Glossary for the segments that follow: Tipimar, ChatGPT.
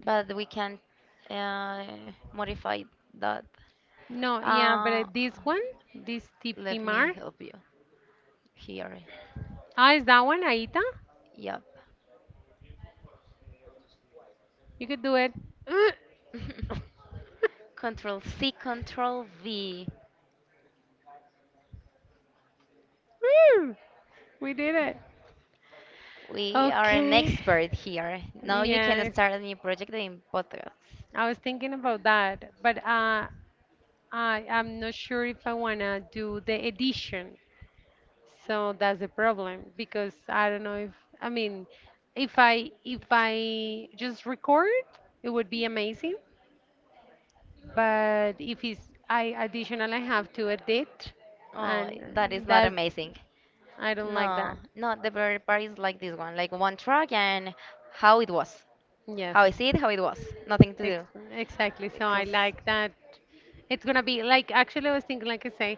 But we can uh, modify that. No, yeah, but Uh, this one, this Let me Tipimar. help you here. Ah, is that one, Aita? Yep. You could do it. Control C, Control V. Woo! We did it. We are an Okay. expert here. Now you can Yes. start a new project in podcast. I was thinking about that, but I'm not sure if I wanna do the edition. So that's the problem because I don't know if I mean if I just record, it would be amazing. But if it's I additional, I have to edit, Oh, and that is not that's amazing. I don't like No, that. not the very part is like this one, like one track and how it was, Yes. how I see it, how it was, nothing to do. Ex- exactly. So I Because like that. It's gonna be like actually I was thinking like I say,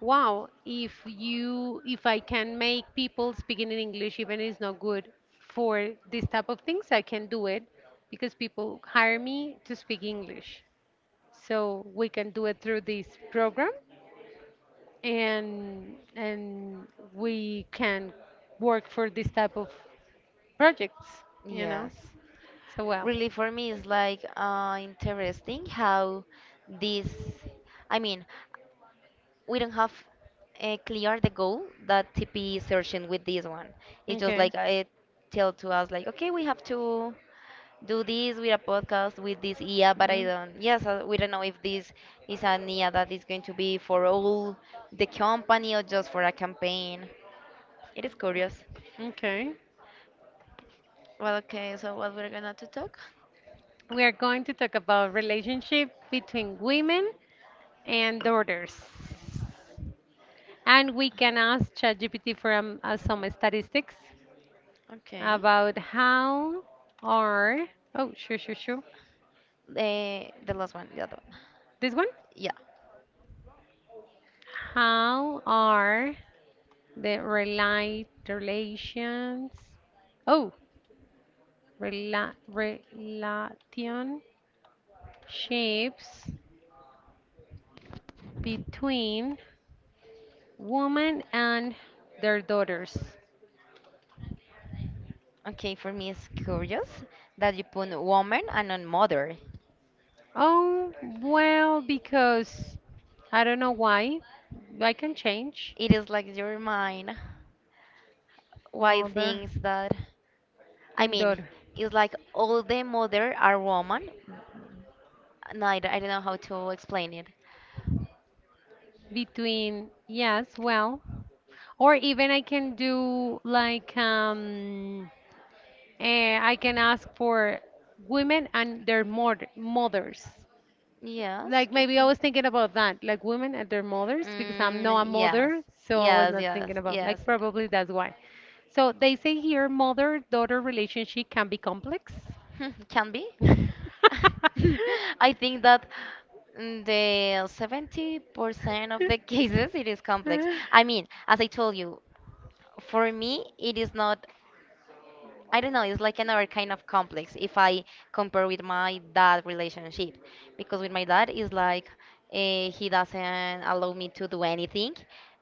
wow, if you if I can make people speaking in English even if it's not good for this type of things, I can do it because people hire me to speak English. So we can do it through this program and we can work for this type of projects, you know. yes, So well, really for me is like interesting how this I mean, we don't have clear the goal that tp is searching with this one. It's just okay. like it tell to us like okay, we have to do this with a podcast with this ia, but I don't yes, we don't know if this is an ia that is going to be for all the company or just for a campaign. It is curious. Mm, okay. Well, okay, so what we're gonna to talk? We are going to talk about relationship between women and daughters. And we can ask ChatGPT for some statistics Okay. about how are, oh, sure, sure, sure. the the last one, the other one. This one? Yeah. How are the relations, oh, relationships between women and their daughters? Okay, for me it's curious that you put woman and not mother. Oh, well, because I don't know why. I can change It is like your mind. Why mother things that I and mean, daughter it's like all the mother are woman. No, I, I don't know how to explain it. between yes, well, or even I can do like I can ask for women and their mothers. Yes. Like maybe I was thinking about that, like women and their mothers, because I'm not Mm, a yes. mother, so I was Yes, not yes, thinking about yes. like probably that's why. So they say here mother-daughter relationship can be complex. Hmm, can be. Mm. I think that in the 70% of the cases it is complex. I mean, as I told you, for me it is not I don't know, it's like another kind of complex if I compare with my dad relationship. Because with my dad, it's like he doesn't allow me to do anything.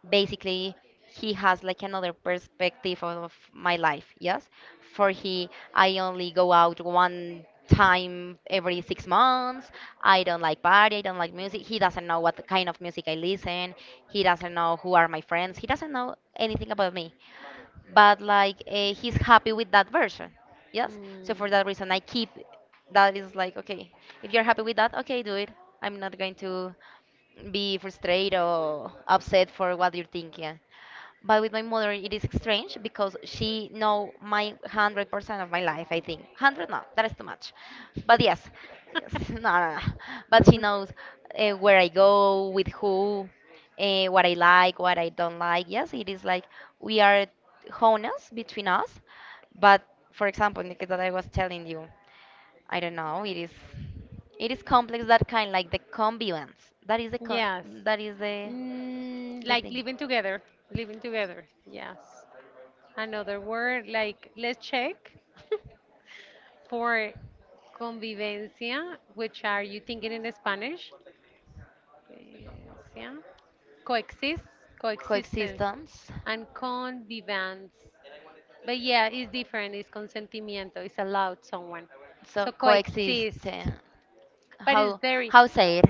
Basically, he has like another perspective of my life, yes? For he, I only go out one time every 6 months. I don't like party, I don't like music. He doesn't know what kind of music I listen. He doesn't know who are my friends. He doesn't know anything about me, but like he's happy with that version, yes, so for that reason I keep. That is like okay, if you're happy with that, okay, do it. I'm not going to be frustrated or upset for what you're thinking. But with my mother, it is strange because she know my 100% of my life. I think hundred, no, that is too much. But yes, yes, no, no, no. But she knows where I go, with who, what I like, what I don't like. Yes, it is like we are honest between us. But for example, the case that I was telling you, I don't know. It is complex. That kind, like the convivence. That is the, Yes. that is Mm, the like thing. living together, living together. Yes. Another word, like let's check for convivencia, which are you thinking in Spanish? Convivencia. Coexist, coexistence, Coexistence. and convivance. But yeah, it's different. It's consentimiento. It's allowed someone. So So coexist. coexist. But it's How very how say it?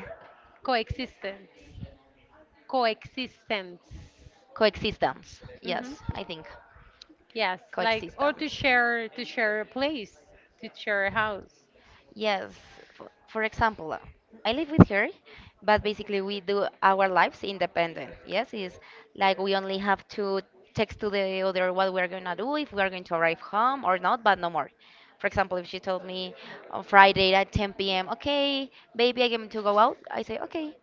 coexistence. Coexistence. Coexistence. Hmm. Yes, I think Yes, like or coexistence. To share a place, to share a house. Yes, for example, I live with her, but basically we do our lives independent. Yes, it's like we only have to text to the other what we're gonna do, if we're going to arrive home or not, but no more. For example, if she told me on Friday at 10 p.m., okay, baby, I'm going to go out, I say, okay,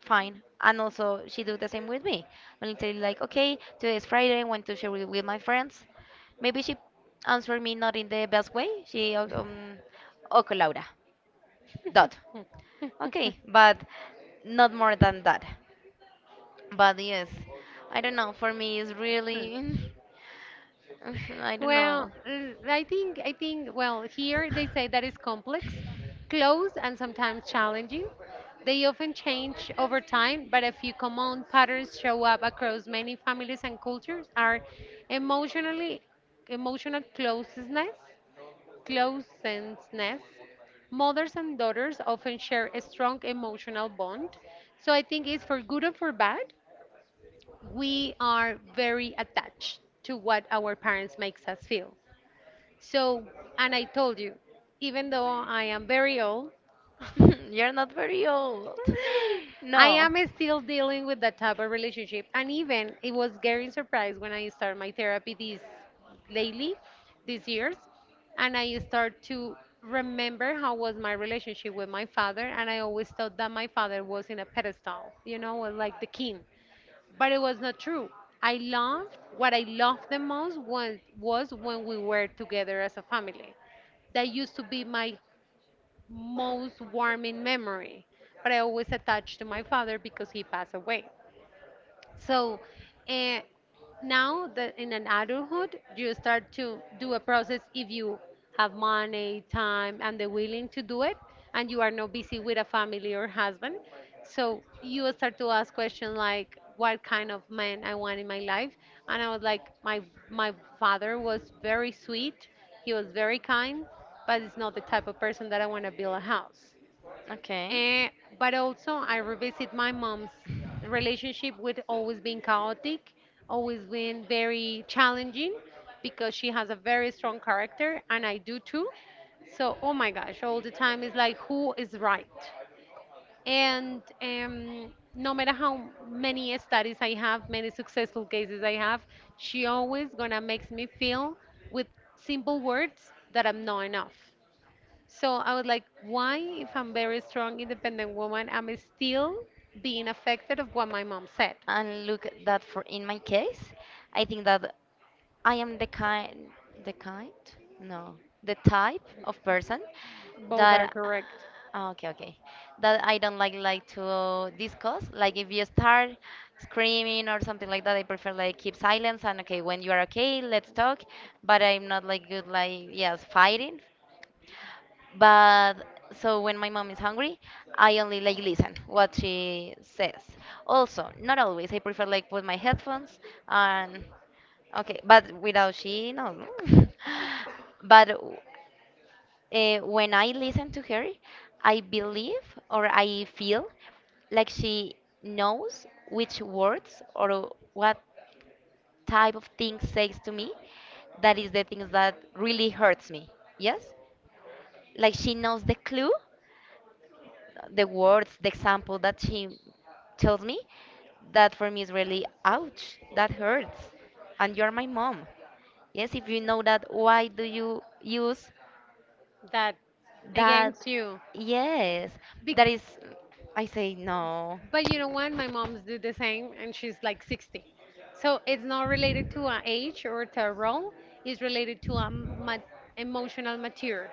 fine. And also, she do the same with me. Only tell you like, okay, today is Friday, I want to share with my friends. Maybe she answered me not in the best way. She, okay, Laura dot. Okay, but not more than that. But yes, I don't know. For me, it's Hmm. really, I don't Well, know. mm, I think well here they say that it's complex, close, and sometimes challenging. They often change over time, but a few common patterns show up across many families and cultures are emotionally emotional closeness, closeness. Mothers and daughters often share a strong emotional bond. So I think it's for good or for bad, we are very attached to what our parents makes us feel. So, and I told you, even though I am very old, You're not very old. I am still dealing with that type of relationship. And even it was getting surprised when I start my therapy this lately, these years, and I start to remember how was my relationship with my father, and I always thought that my father was in a pedestal, you know, was like the king, No. but it was not true. I loved what I loved the most was when we were together as a family that used to be my most warming memory, but I always attach to my father because he passed away. So uh, now that in an adulthood, you start to do a process if you have money, time, and the willing to do it, and you are not busy with a family or husband. So you will start to ask questions like, what kind of man I want in my life, and I was like, my father was very sweet, he was very kind, but it's not the type of person that I want to build a house. Eh, Okay. but also, I revisit my mom's relationship with always being chaotic, always being very challenging, because she has a very strong character, and I do too. So, oh my gosh, all the time is like, who is right? And no matter how many studies I have, many successful cases I have, she always gonna makes me feel with simple words that I'm not enough. So I was like, why, if I'm very strong, independent woman, I'm still being affected of what my mom said? And look at that for in my case, I think that I am the kind, no, the type of person Both that are ah, correct. ah, okay, okay, that I don't like to discuss. Like if you start screaming or something like that, I prefer like keep silence and okay, when you are okay, let's talk. But I'm not like good like yes, fighting but so when my mom is hungry, I only like listen what she says. Also, not always. I prefer like put my headphones and okay, but without she knows. No? But when I listen to her, I believe or I feel like she knows which words or what type of things says to me that is the things that really hurts me, yes, like she knows the clue, the words, the example that she tells me, that for me is really, ouch, that hurts. And you're my mom. Yes, if you know that, why do you use That that? against you. Yes, that is, Bec- I say no. But you know what? My mom's do the same, and she's like 60. So it's not related to an age or to a role. It's related to a emotional mature.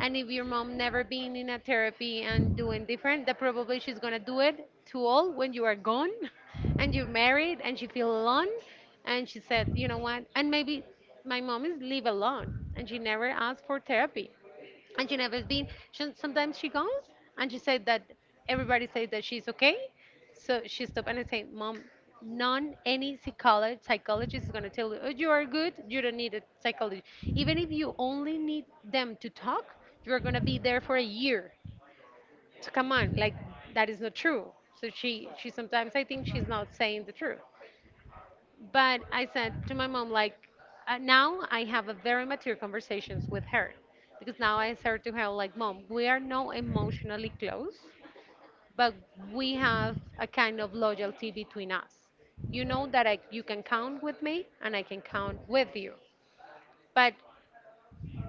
And if your mom never been in a therapy and doing different, that probably she's gonna do it to all when you are gone, and you're married, and she feel alone. And she said, you know what? And maybe my mom is live alone, and she never asked for therapy and she never been she, sometimes she goes and she said that everybody says that she's okay, so she stopped, and I say, Mom, none any psychologist is going to tell you, oh, you are good, you don't need a psychologist, even if you only need them to talk, you're going to be there for a year, so come on, like that is not true. So she sometimes I think she's not saying the truth, but I said to my mom, like, now I have a very mature conversations with her because now I said to her, like, Mom, we are not emotionally close, but we have a kind of loyalty between us. You know that I, you can count with me and I can count with you. But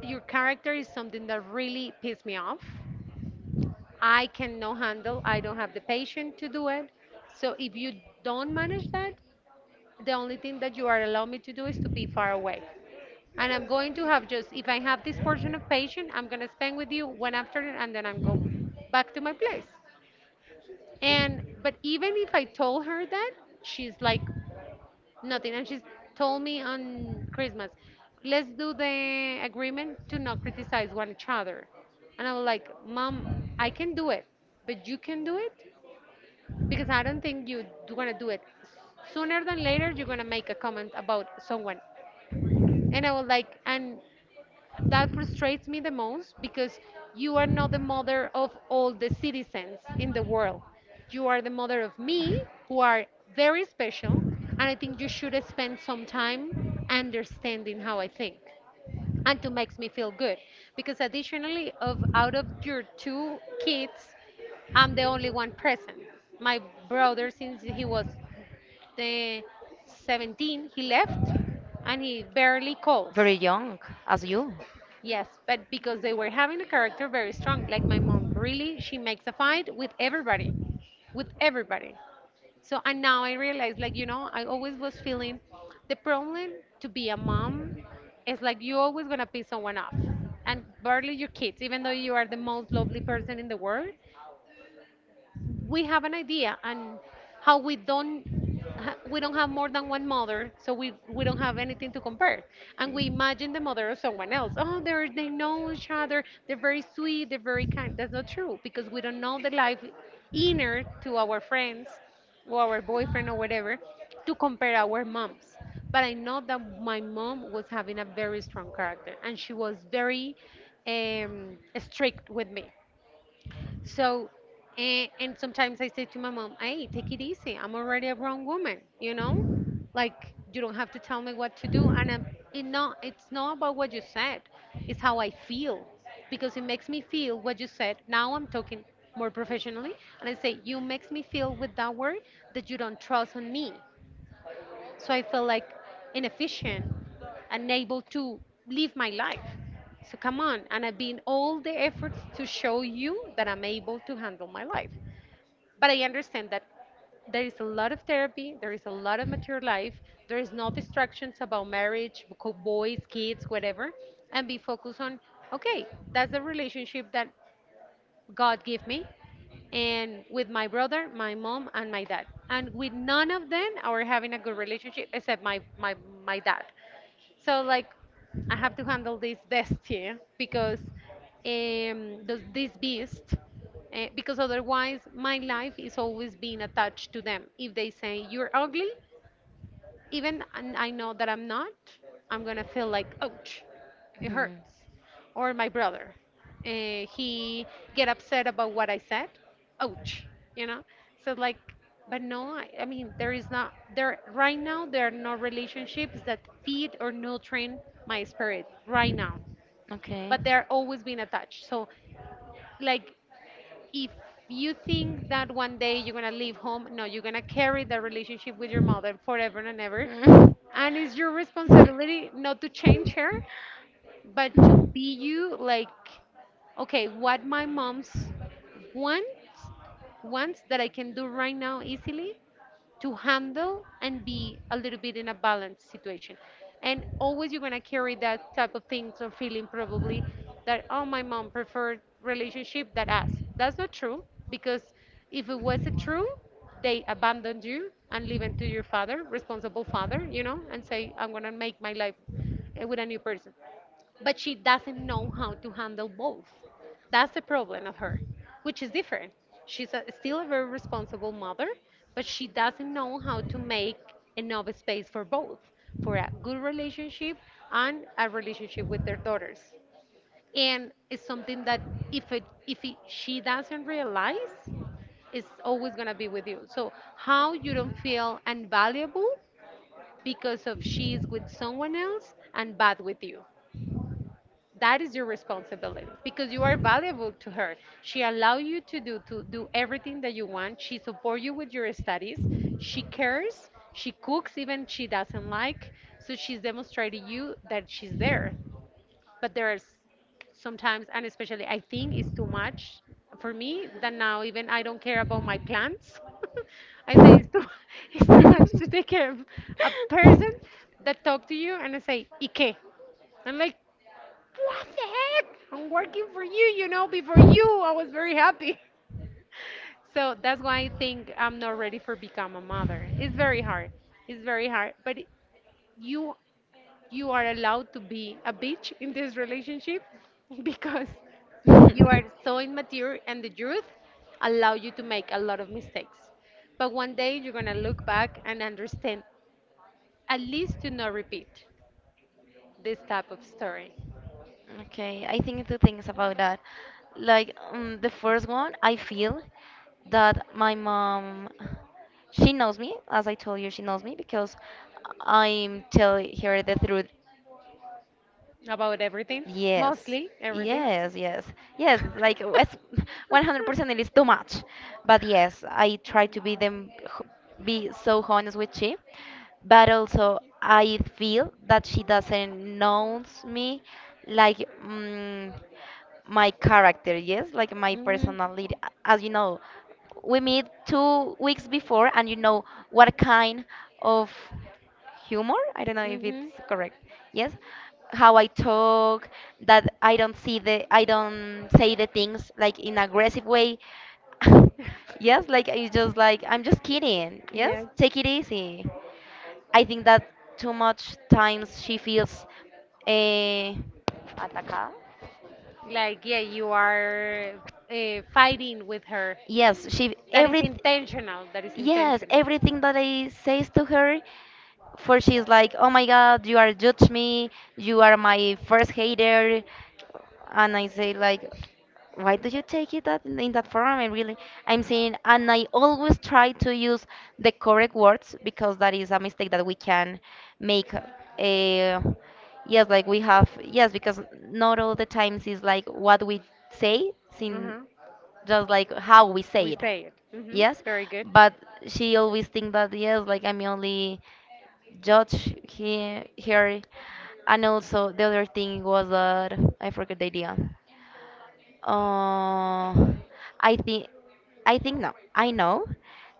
your character is something that really pissed me off. I cannot handle, I don't have the patience to do it. So if you don't manage that, the only thing that you are allowing me to do is to be far away. And I'm going to have just if I have this portion of patient, I'm gonna spend with you one afternoon, and then I'm go back to my place. And but even if I told her that, she's like nothing, and she's told me on Christmas, let's do the agreement to not criticize one each other. And I was like, Mom, I can do it, but you can do it because I don't think you do gonna do it. Sooner than later, you're gonna make a comment about someone. And I was like, and that frustrates me the most because you are not the mother of all the citizens in the world. You are the mother of me, who are very special, and I think you should spend some time understanding how I think and to makes me feel good because additionally of out of your two kids, I'm the only one present. My brother since he was the 17 he left and he barely calls. Very young, as you. Yes, but because they were having a character very strong. Like my mom, really, she makes a fight with everybody, with everybody. So, and now I realize, like, you know, I always was feeling the problem to be a mom is like you're always gonna piss someone off and barely your kids, even though you are the most lovely person in the world. We have an idea, and how we don't ha- we don't have more than one mother, so we don't have anything to compare, and we imagine the mother of someone else, oh they're they know each other, they're very sweet, they're very kind. That's not true because we don't know the life inner to our friends or our boyfriend or whatever to compare our moms. But I know that my mom was having a very strong character, and she was very strict with me. So, and sometimes I say to my mom, hey, take it easy. I'm already a grown woman, you know? Like, you don't have to tell me what to do. And I'm, it's not about what you said, it's how I feel. Because it makes me feel what you said. Now I'm talking more professionally. And I say, you makes me feel with that word that you don't trust on me. So I felt like inefficient, unable to live my life. So come on, and I've been all the efforts to show you that I'm able to handle my life. But I understand that there is a lot of therapy, there is a lot of mature life, there is no distractions about marriage, boys, kids, whatever, and be focused on okay, that's the relationship that God give me, and with my brother, my mom, and my dad. And with none of them, I were having a good relationship except my dad. So like, I have to handle this destiny because those, this beast. Because otherwise, my life is always being attached to them. If they say you're ugly, even and I know that I'm not, I'm gonna feel like, ouch, it Mhm. hurts. Or my brother, he get upset about what I said, ouch, you know. So like, but no, I mean there is not there right now. There are no relationships that feed or nutrient my spirit right now, Okay. but they're always being attached. So like if you think that one day you're gonna leave home, no, you're gonna carry that relationship with your mother forever and ever. Mm. And it's your responsibility not to change her, but to be you like, okay, what my mom's wants, wants that I can do right now easily, to handle and be a little bit in a balanced situation. And always you're gonna carry that type of things or feeling probably that oh my mom preferred relationship that us. That's not true because if it was true, they abandoned you and leave it to your father, responsible father, you know, and say I'm gonna make my life with a new person, but she doesn't know how to handle both. That's the problem of her, which is different. She's a, still a very responsible mother, but she doesn't know how to make enough space for both, for a good relationship and a relationship with their daughters. And it's something that if it, she doesn't realize, it's always gonna be with you. So how you don't feel unvaluable because of she is with someone else and bad with you, that is your responsibility because you are valuable to her. She allow you to do everything that you want. She support you with your studies. She cares, she cooks even she doesn't like, so she's demonstrating you that she's there. But and especially But there's sometimes and especially I think it's too much for me that now even I don't care about my plants. I say it's too, it's too much to take care of a it's person that talk to you, and I say ike I'm like, what the heck? I'm working for you, before you, I was very happy. So that's why I think I'm not ready for become a mother. It's very hard. It's very hard, but it- you you are allowed to be a bitch in this relationship because you are so immature, and the youth allow you to make a lot of mistakes. But one day you're going to look back and understand at least to not repeat this type of story okay, I think two things about that. Like, the first one, I feel that my mom, she knows me, as I told you, she knows me because I'm telling her the truth. about everything, Yes. mostly everything. Yes, yes. Yes, like it's 100% it is too much. But yes, I try to be them be so honest with she. But also I feel that she doesn't knows me like mm, my character, yes, like my Mhm. personality. As you know, we meet 2 weeks before and you know what kind of humor, I don't know if Mhm. it's correct, yes, how I talk, that I don't see the I don't say the things like in aggressive way. Yes, like it's just like I'm just kidding, yes, Yes. take it easy. I think that too much times she feels eh, atacada, Like, yeah, you are fighting with her. yes, she That is every intentional. That is yes intentional. everything that I says to her for she's like, "Oh my God, you are judge me. You are my first hater," and I say like, "Why do you take it that in that form?" I really, I'm saying, and I always try to use the correct words because that is a mistake that we can make. Yes, like we have yes, because not all the times is like what we say, sin Mhm. just like how we We say it, say it. Hmm. yes, Very good. but she always think that yes, like I'm only judge he, her. And also the other thing was that I forgot the idea. uh, I think, I think no, I know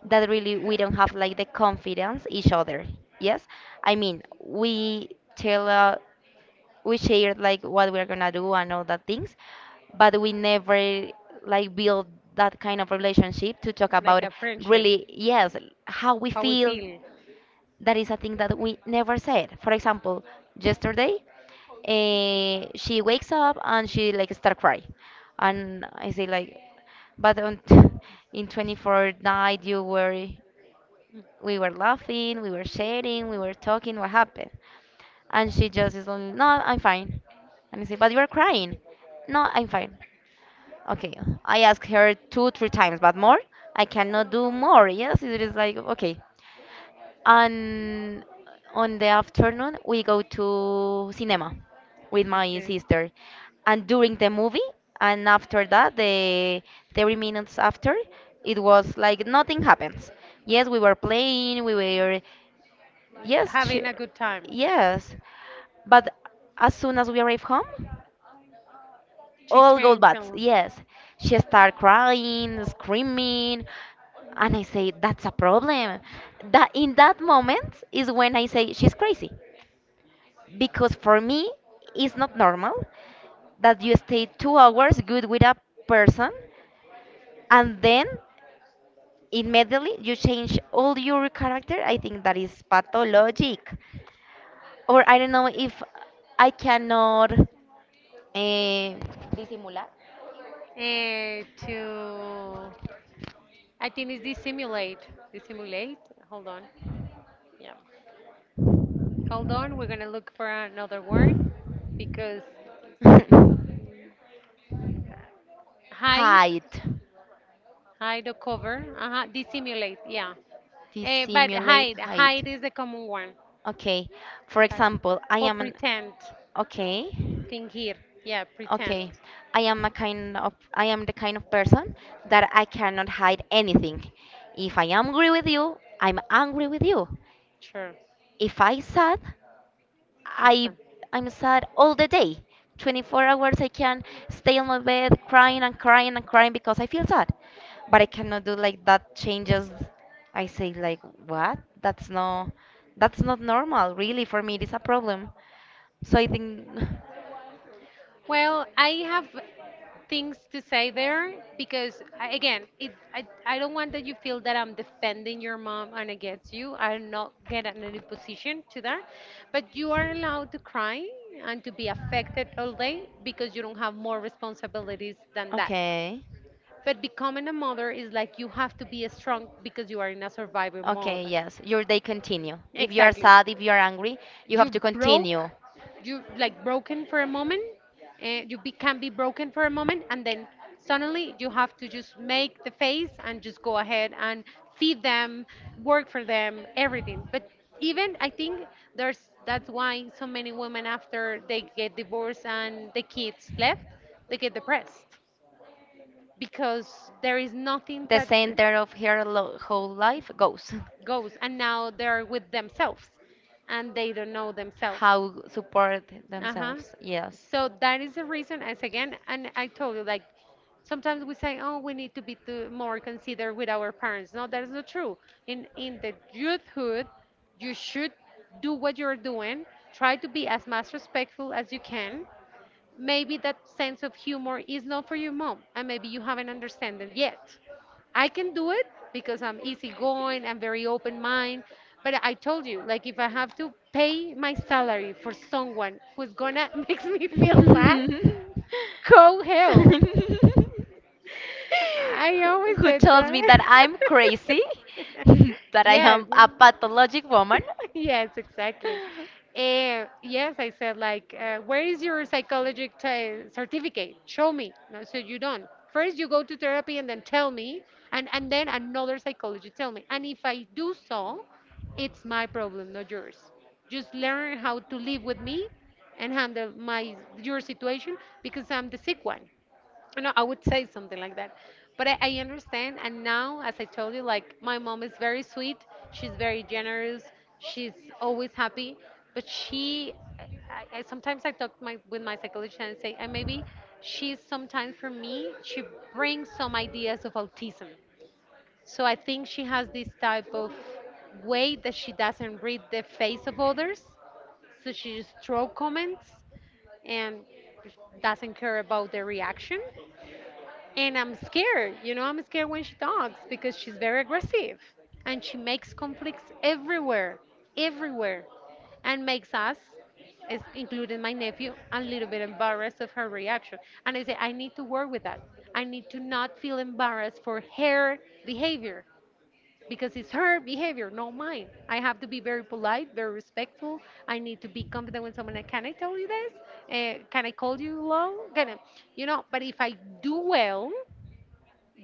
that really we don't have like the confidence each other, yes, I mean we tell we share like what we're gonna do and all that things, but we never like build that kind of relationship to talk Like about a friendship. really yes how we How we feel. feel. Mm-hmm. That is a thing that we never said. For example, yesterday, she wakes up and she like start crying, and I say like, but on in 24 night you were, we were laughing, we were sharing, we were talking. What happened? And she just is only, no, I'm fine. And I say, but you are crying. No, I'm fine. Okay, I asked her two, three times, but more, I cannot do more. Yes, it is like okay, and on the afternoon we go to cinema with my sister, and during the movie and after that the 30 minutes after, it was like nothing happens. Yes, we were playing we were, yes, Having a good time. yes, but as soon as we arrive home She. all gold bats, yes. She started crying, screaming, and I say, that's a problem. That in that moment is when I say she's crazy. Because for me, it's not normal that you stay 2 hours good with a person and then immediately you change all your character. I think that is pathologic. Or I don't know if I cannot eh, disimular. Uh, to, I think it's dissimulate. Dissimulate? Hold on. Yeah. Hold on. We're going to look for another word because hide, Hide hide or cover. Uh-huh. Dissimulate. Yeah. to Eh, but simulate hide, height. hide is the common one. Okay. For Hide. example, I Or am an pretend. okay. Fingir. Yeah, pretend. Okay. I am a kind of I am the kind of person that I cannot hide anything. If I am angry with you, I'm angry with you. Sure. If I sad, I Sure. I'm sad all the day. 24 hours I can stay on my bed crying and crying and crying because I feel sad. But I cannot do like that changes. I say like what? That's no, that's not normal really for me. It's a problem. So I think Well, I have things to say there because I, again, it, I don't want that you feel that I'm defending your mom and against you. I'm not get in any position to that, but you are allowed to cry and to be affected all day because you don't have more responsibilities than that. okay. But becoming a mother is like you have to be strong because you are in a survivor mode. Okay, yes. Your day continue. If you are Exactly. sad, if you are angry, you have to You continue. broke, you like broken for a moment, you be, can be broken for a moment, and then suddenly you have to just make the face and just go ahead and feed them, work for them, everything. But even I think there's that's why so many women after they get divorced and the kids left, they get depressed because there is nothing The that center of her lo- whole life goes. goes, and now they're with themselves and they don't know themselves. How support Uh-huh. themselves. Yes. So that is the reason as again, and I told you like sometimes we say oh we need to be to more considerate with our parents. No, that is not true. In the youthhood you should do what you're doing, try to be as much respectful as you can. Maybe that sense of humor is not for your mom and maybe you haven't understand it yet. I can do it because I'm easygoing, I'm very open mind. But I told you like if I have to pay my salary for someone who's gonna makes me Who's feel gonna bad, go hell. I always who said tells me that that. I'm crazy, that I Yes. am a pathologic woman? Yes, exactly. Yes, I said like, where is your psychology t- certificate? Show me. No, so you don't. First, you go to therapy and then tell me, and then another psychology tell me. And if I do so, it's my problem, not yours. Just learn how to live with me and handle my your situation because I'm the sick one. No, I would say something like that. But I understand. And now, as I told you, like my mom is very sweet. She's very generous. She's always happy. But she, sometimes I talk my, with my psychologist and say, and maybe she's sometimes for me, she brings some ideas of autism. So I think she has this type of way that she doesn't read the face of others. So she just throw comments and doesn't care about the reaction, and I'm scared, you know, I'm scared when she talks because she's very aggressive and she makes conflicts everywhere, everywhere, and makes us, is- including my nephew, a little bit embarrassed of her reaction. And I say, I need to work with that. I need to not feel embarrassed for her behavior because it's her behavior, not mine. I have to be very polite, very respectful. I need to be confident when someone, can I tell you this? Can I call you long? Can I, you know, but if I do well,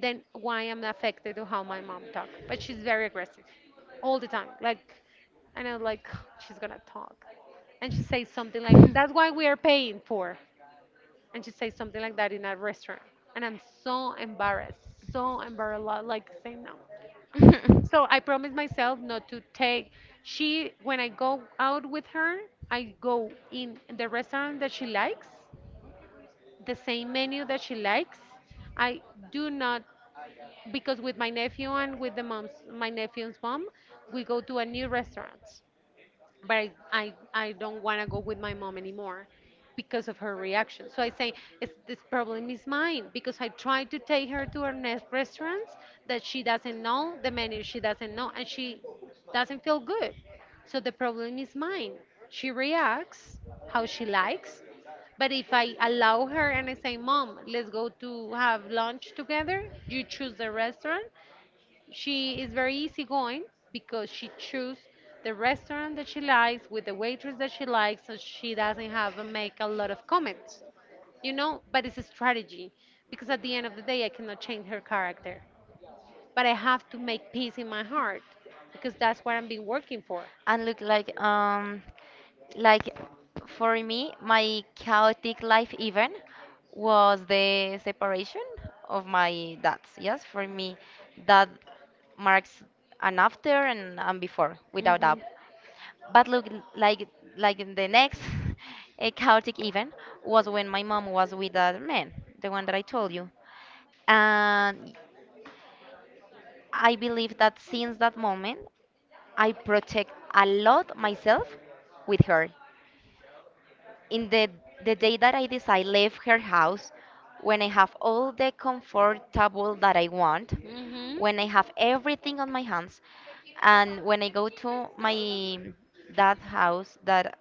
then why I'm affected to how my mom talk. But she's very aggressive all the time. Like, and I was like, she's gonna talk. And she says something like, that's why we are paying for. And she says something like that in a restaurant. And I'm so embarrassed, lo- like saying no. So I promised myself not to take. She, when I go out with her, I go in the restaurant that she likes, the same menu that she likes. I do not because with my nephew and with the mom's my nephew's mom, we go to a new restaurant, but I don't want to go with my mom anymore because of her reaction. So I say, it's, this problem is mine because I tried to take her to her next restaurants that she doesn't know, the menu she doesn't know, and she doesn't feel good. So the problem is mine. She reacts how she likes. But if I allow her and I say, Mom, let's go to have lunch together, you choose the restaurant, she is very easygoing because she chooses the restaurant that she likes with the waitress that she likes, so she doesn't have to make a lot of comments, you know. But it's a strategy because at the end of the day, I cannot change her character, but I have to make peace in my heart because that's what I've been working for. And look like for me my chaotic life even was the separation of my dads, yes, for me that marks an after and before without Mhm. doubt. But look like like in the next a chaotic event was when my mom was with that man, the one that I told you, and I believe that since that moment I protect a lot myself with her. In the day that I decide leave her house, when I have all the comfortable that I want, Mm-hmm. when I have everything on my hands, and when I go to my dad house that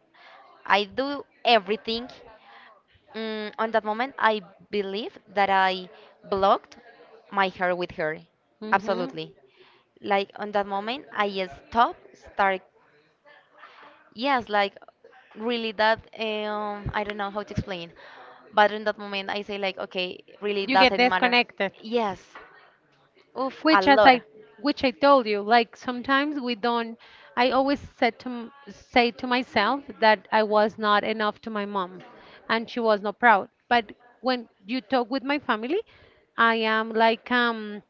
I do everything, mm, on that moment I believe that I blocked my hair with her. Mm-hmm. Absolutely. Like on that moment I stop, start yes, like really that I don't know how to explain. But in that moment I say like okay, really You get doesn't matter. disconnected. Yes. Oof, a Which as lot. I which I told you, like sometimes we don't I always said to m- say to myself that I was not enough to my mom and she was not proud. But when you talk with my family, I am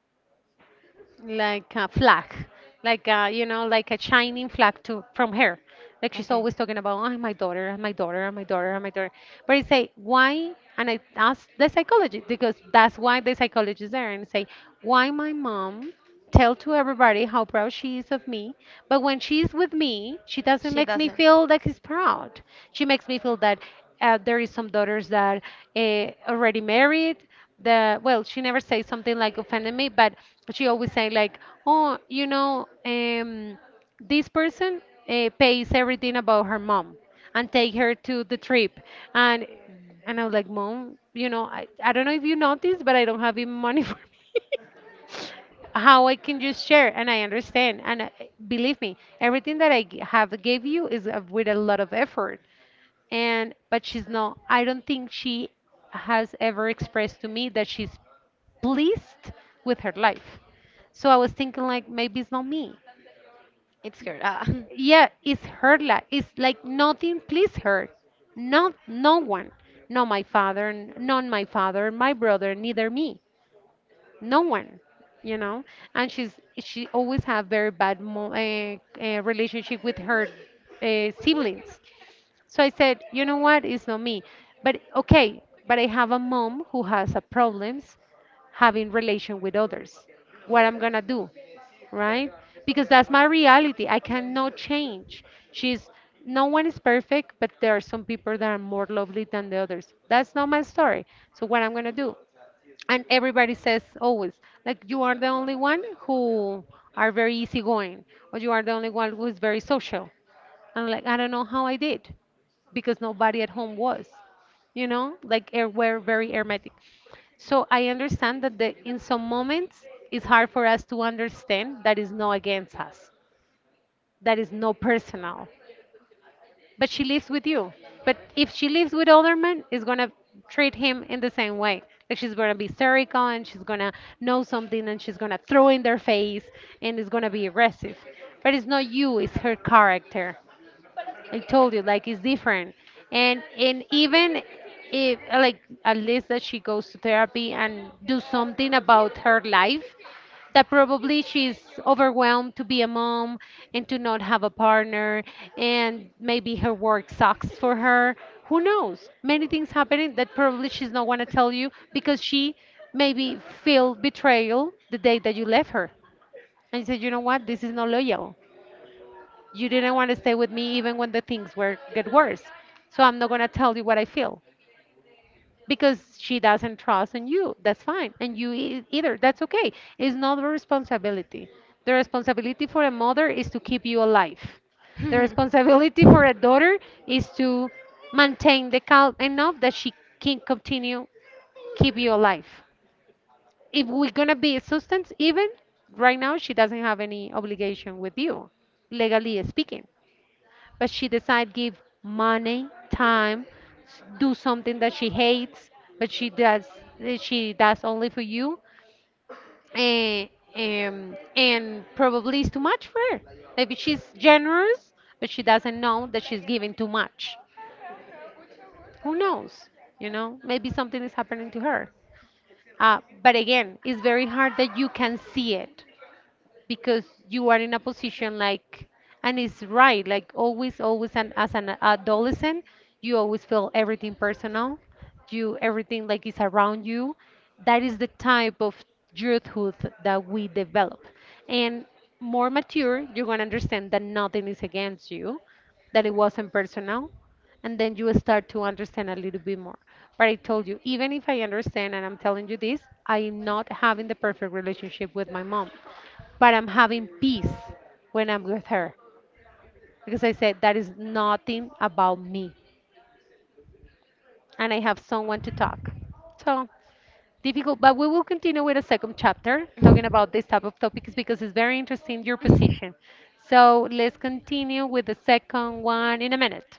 like a flag, like a, you know, like a shining flag to from her. Like she's Okay. always talking about, oh, my daughter, and my daughter, and my daughter, and my daughter. But I say, why? And I ask the psychologist because that's why the psychologist is there, and say, why my mom tell to everybody how proud she is of me, but when she's with me, she doesn't She makes me doesn't. feel like she's proud. She makes me feel that there is some daughters that already married, the well she never say something like offended me, but she always say like oh you know this person pays everything about her mom and take her to the trip, and and I was like, mom, you know, I don't know if you noticed but I don't have even money for me, how I can just share. And I understand, and believe me everything that I have gave you is with a lot of effort. And but she's not, I don't think she has ever expressed to me that she's pleased with her life, so I was thinking like maybe it's not me. It's her. Ah. Yeah, it's her life. It's like nothing pleased her, not no one, not my father, my brother, neither me, no one, you know. And she's she always have very bad relationship with her siblings. So I said, you know what? It's not me. But okay, but I have a mom who has a problems having relation with others. What I'm gonna do, right? Because that's my reality. I cannot change. She's... no one is perfect, but there are some people that are more lovely than the others. That's not my story. So what I'm gonna do? And everybody says always, like you are the only one who are very easygoing, or you are the only one who is very social. I'm like, I don't know how I did because nobody at home was, like air. We're very hermetic. So I understand that in some moments it's hard for us to understand that is no against us, that is no personal. But she lives with you. But if she lives with other men, is gonna treat him in the same way. Like she's gonna be hysterical and she's gonna know something and she's gonna throw in their face and it's gonna be aggressive. But it's not you, it's her character. I told you, like it's different. And even if like at least that she goes to therapy and do something about her life, that probably she's overwhelmed to be a mom and to not have a partner and maybe her work sucks for her. Who knows? Many things happening that probably she's not gonna tell you because she maybe feel betrayal the day that you left her and said, you know what, this is not loyal. You didn't want to stay with me even when the things were get worse. So I'm not going to tell you what I feel because she doesn't trust in you. That's fine. And you e- either. That's okay. It's not a responsibility. The responsibility for a mother is to keep you alive. The Mhm. responsibility for a daughter is to maintain the calm enough that she can continue keep you alive. If we're gonna be a substance, even right now, she doesn't have any obligation with you, legally speaking, but she decide give money, time, s- do something that she hates, but she does she does only for you, and and probably is too much for her. Maybe she's generous, but she doesn't know that she's giving too much. Who knows? You know, maybe something is happening to her. But again, it's very hard that you can see it because you are in a position like, and it's right like always, and as an adolescent you always feel everything personal, you everything like is around you, that is the type of youthhood that we develop. And more mature you're going to understand that nothing is against you, that it wasn't personal, and then you start to understand a little bit more. But I told you, even if I understand and I'm telling you this, I am not having the perfect relationship with my mom, but I'm having peace when I'm with her because I said that is nothing about me and I have someone to talk. So difficult, but we will continue with a second chapter talking about this type of topics because it's very interesting your position. So let's continue with the second one in a minute.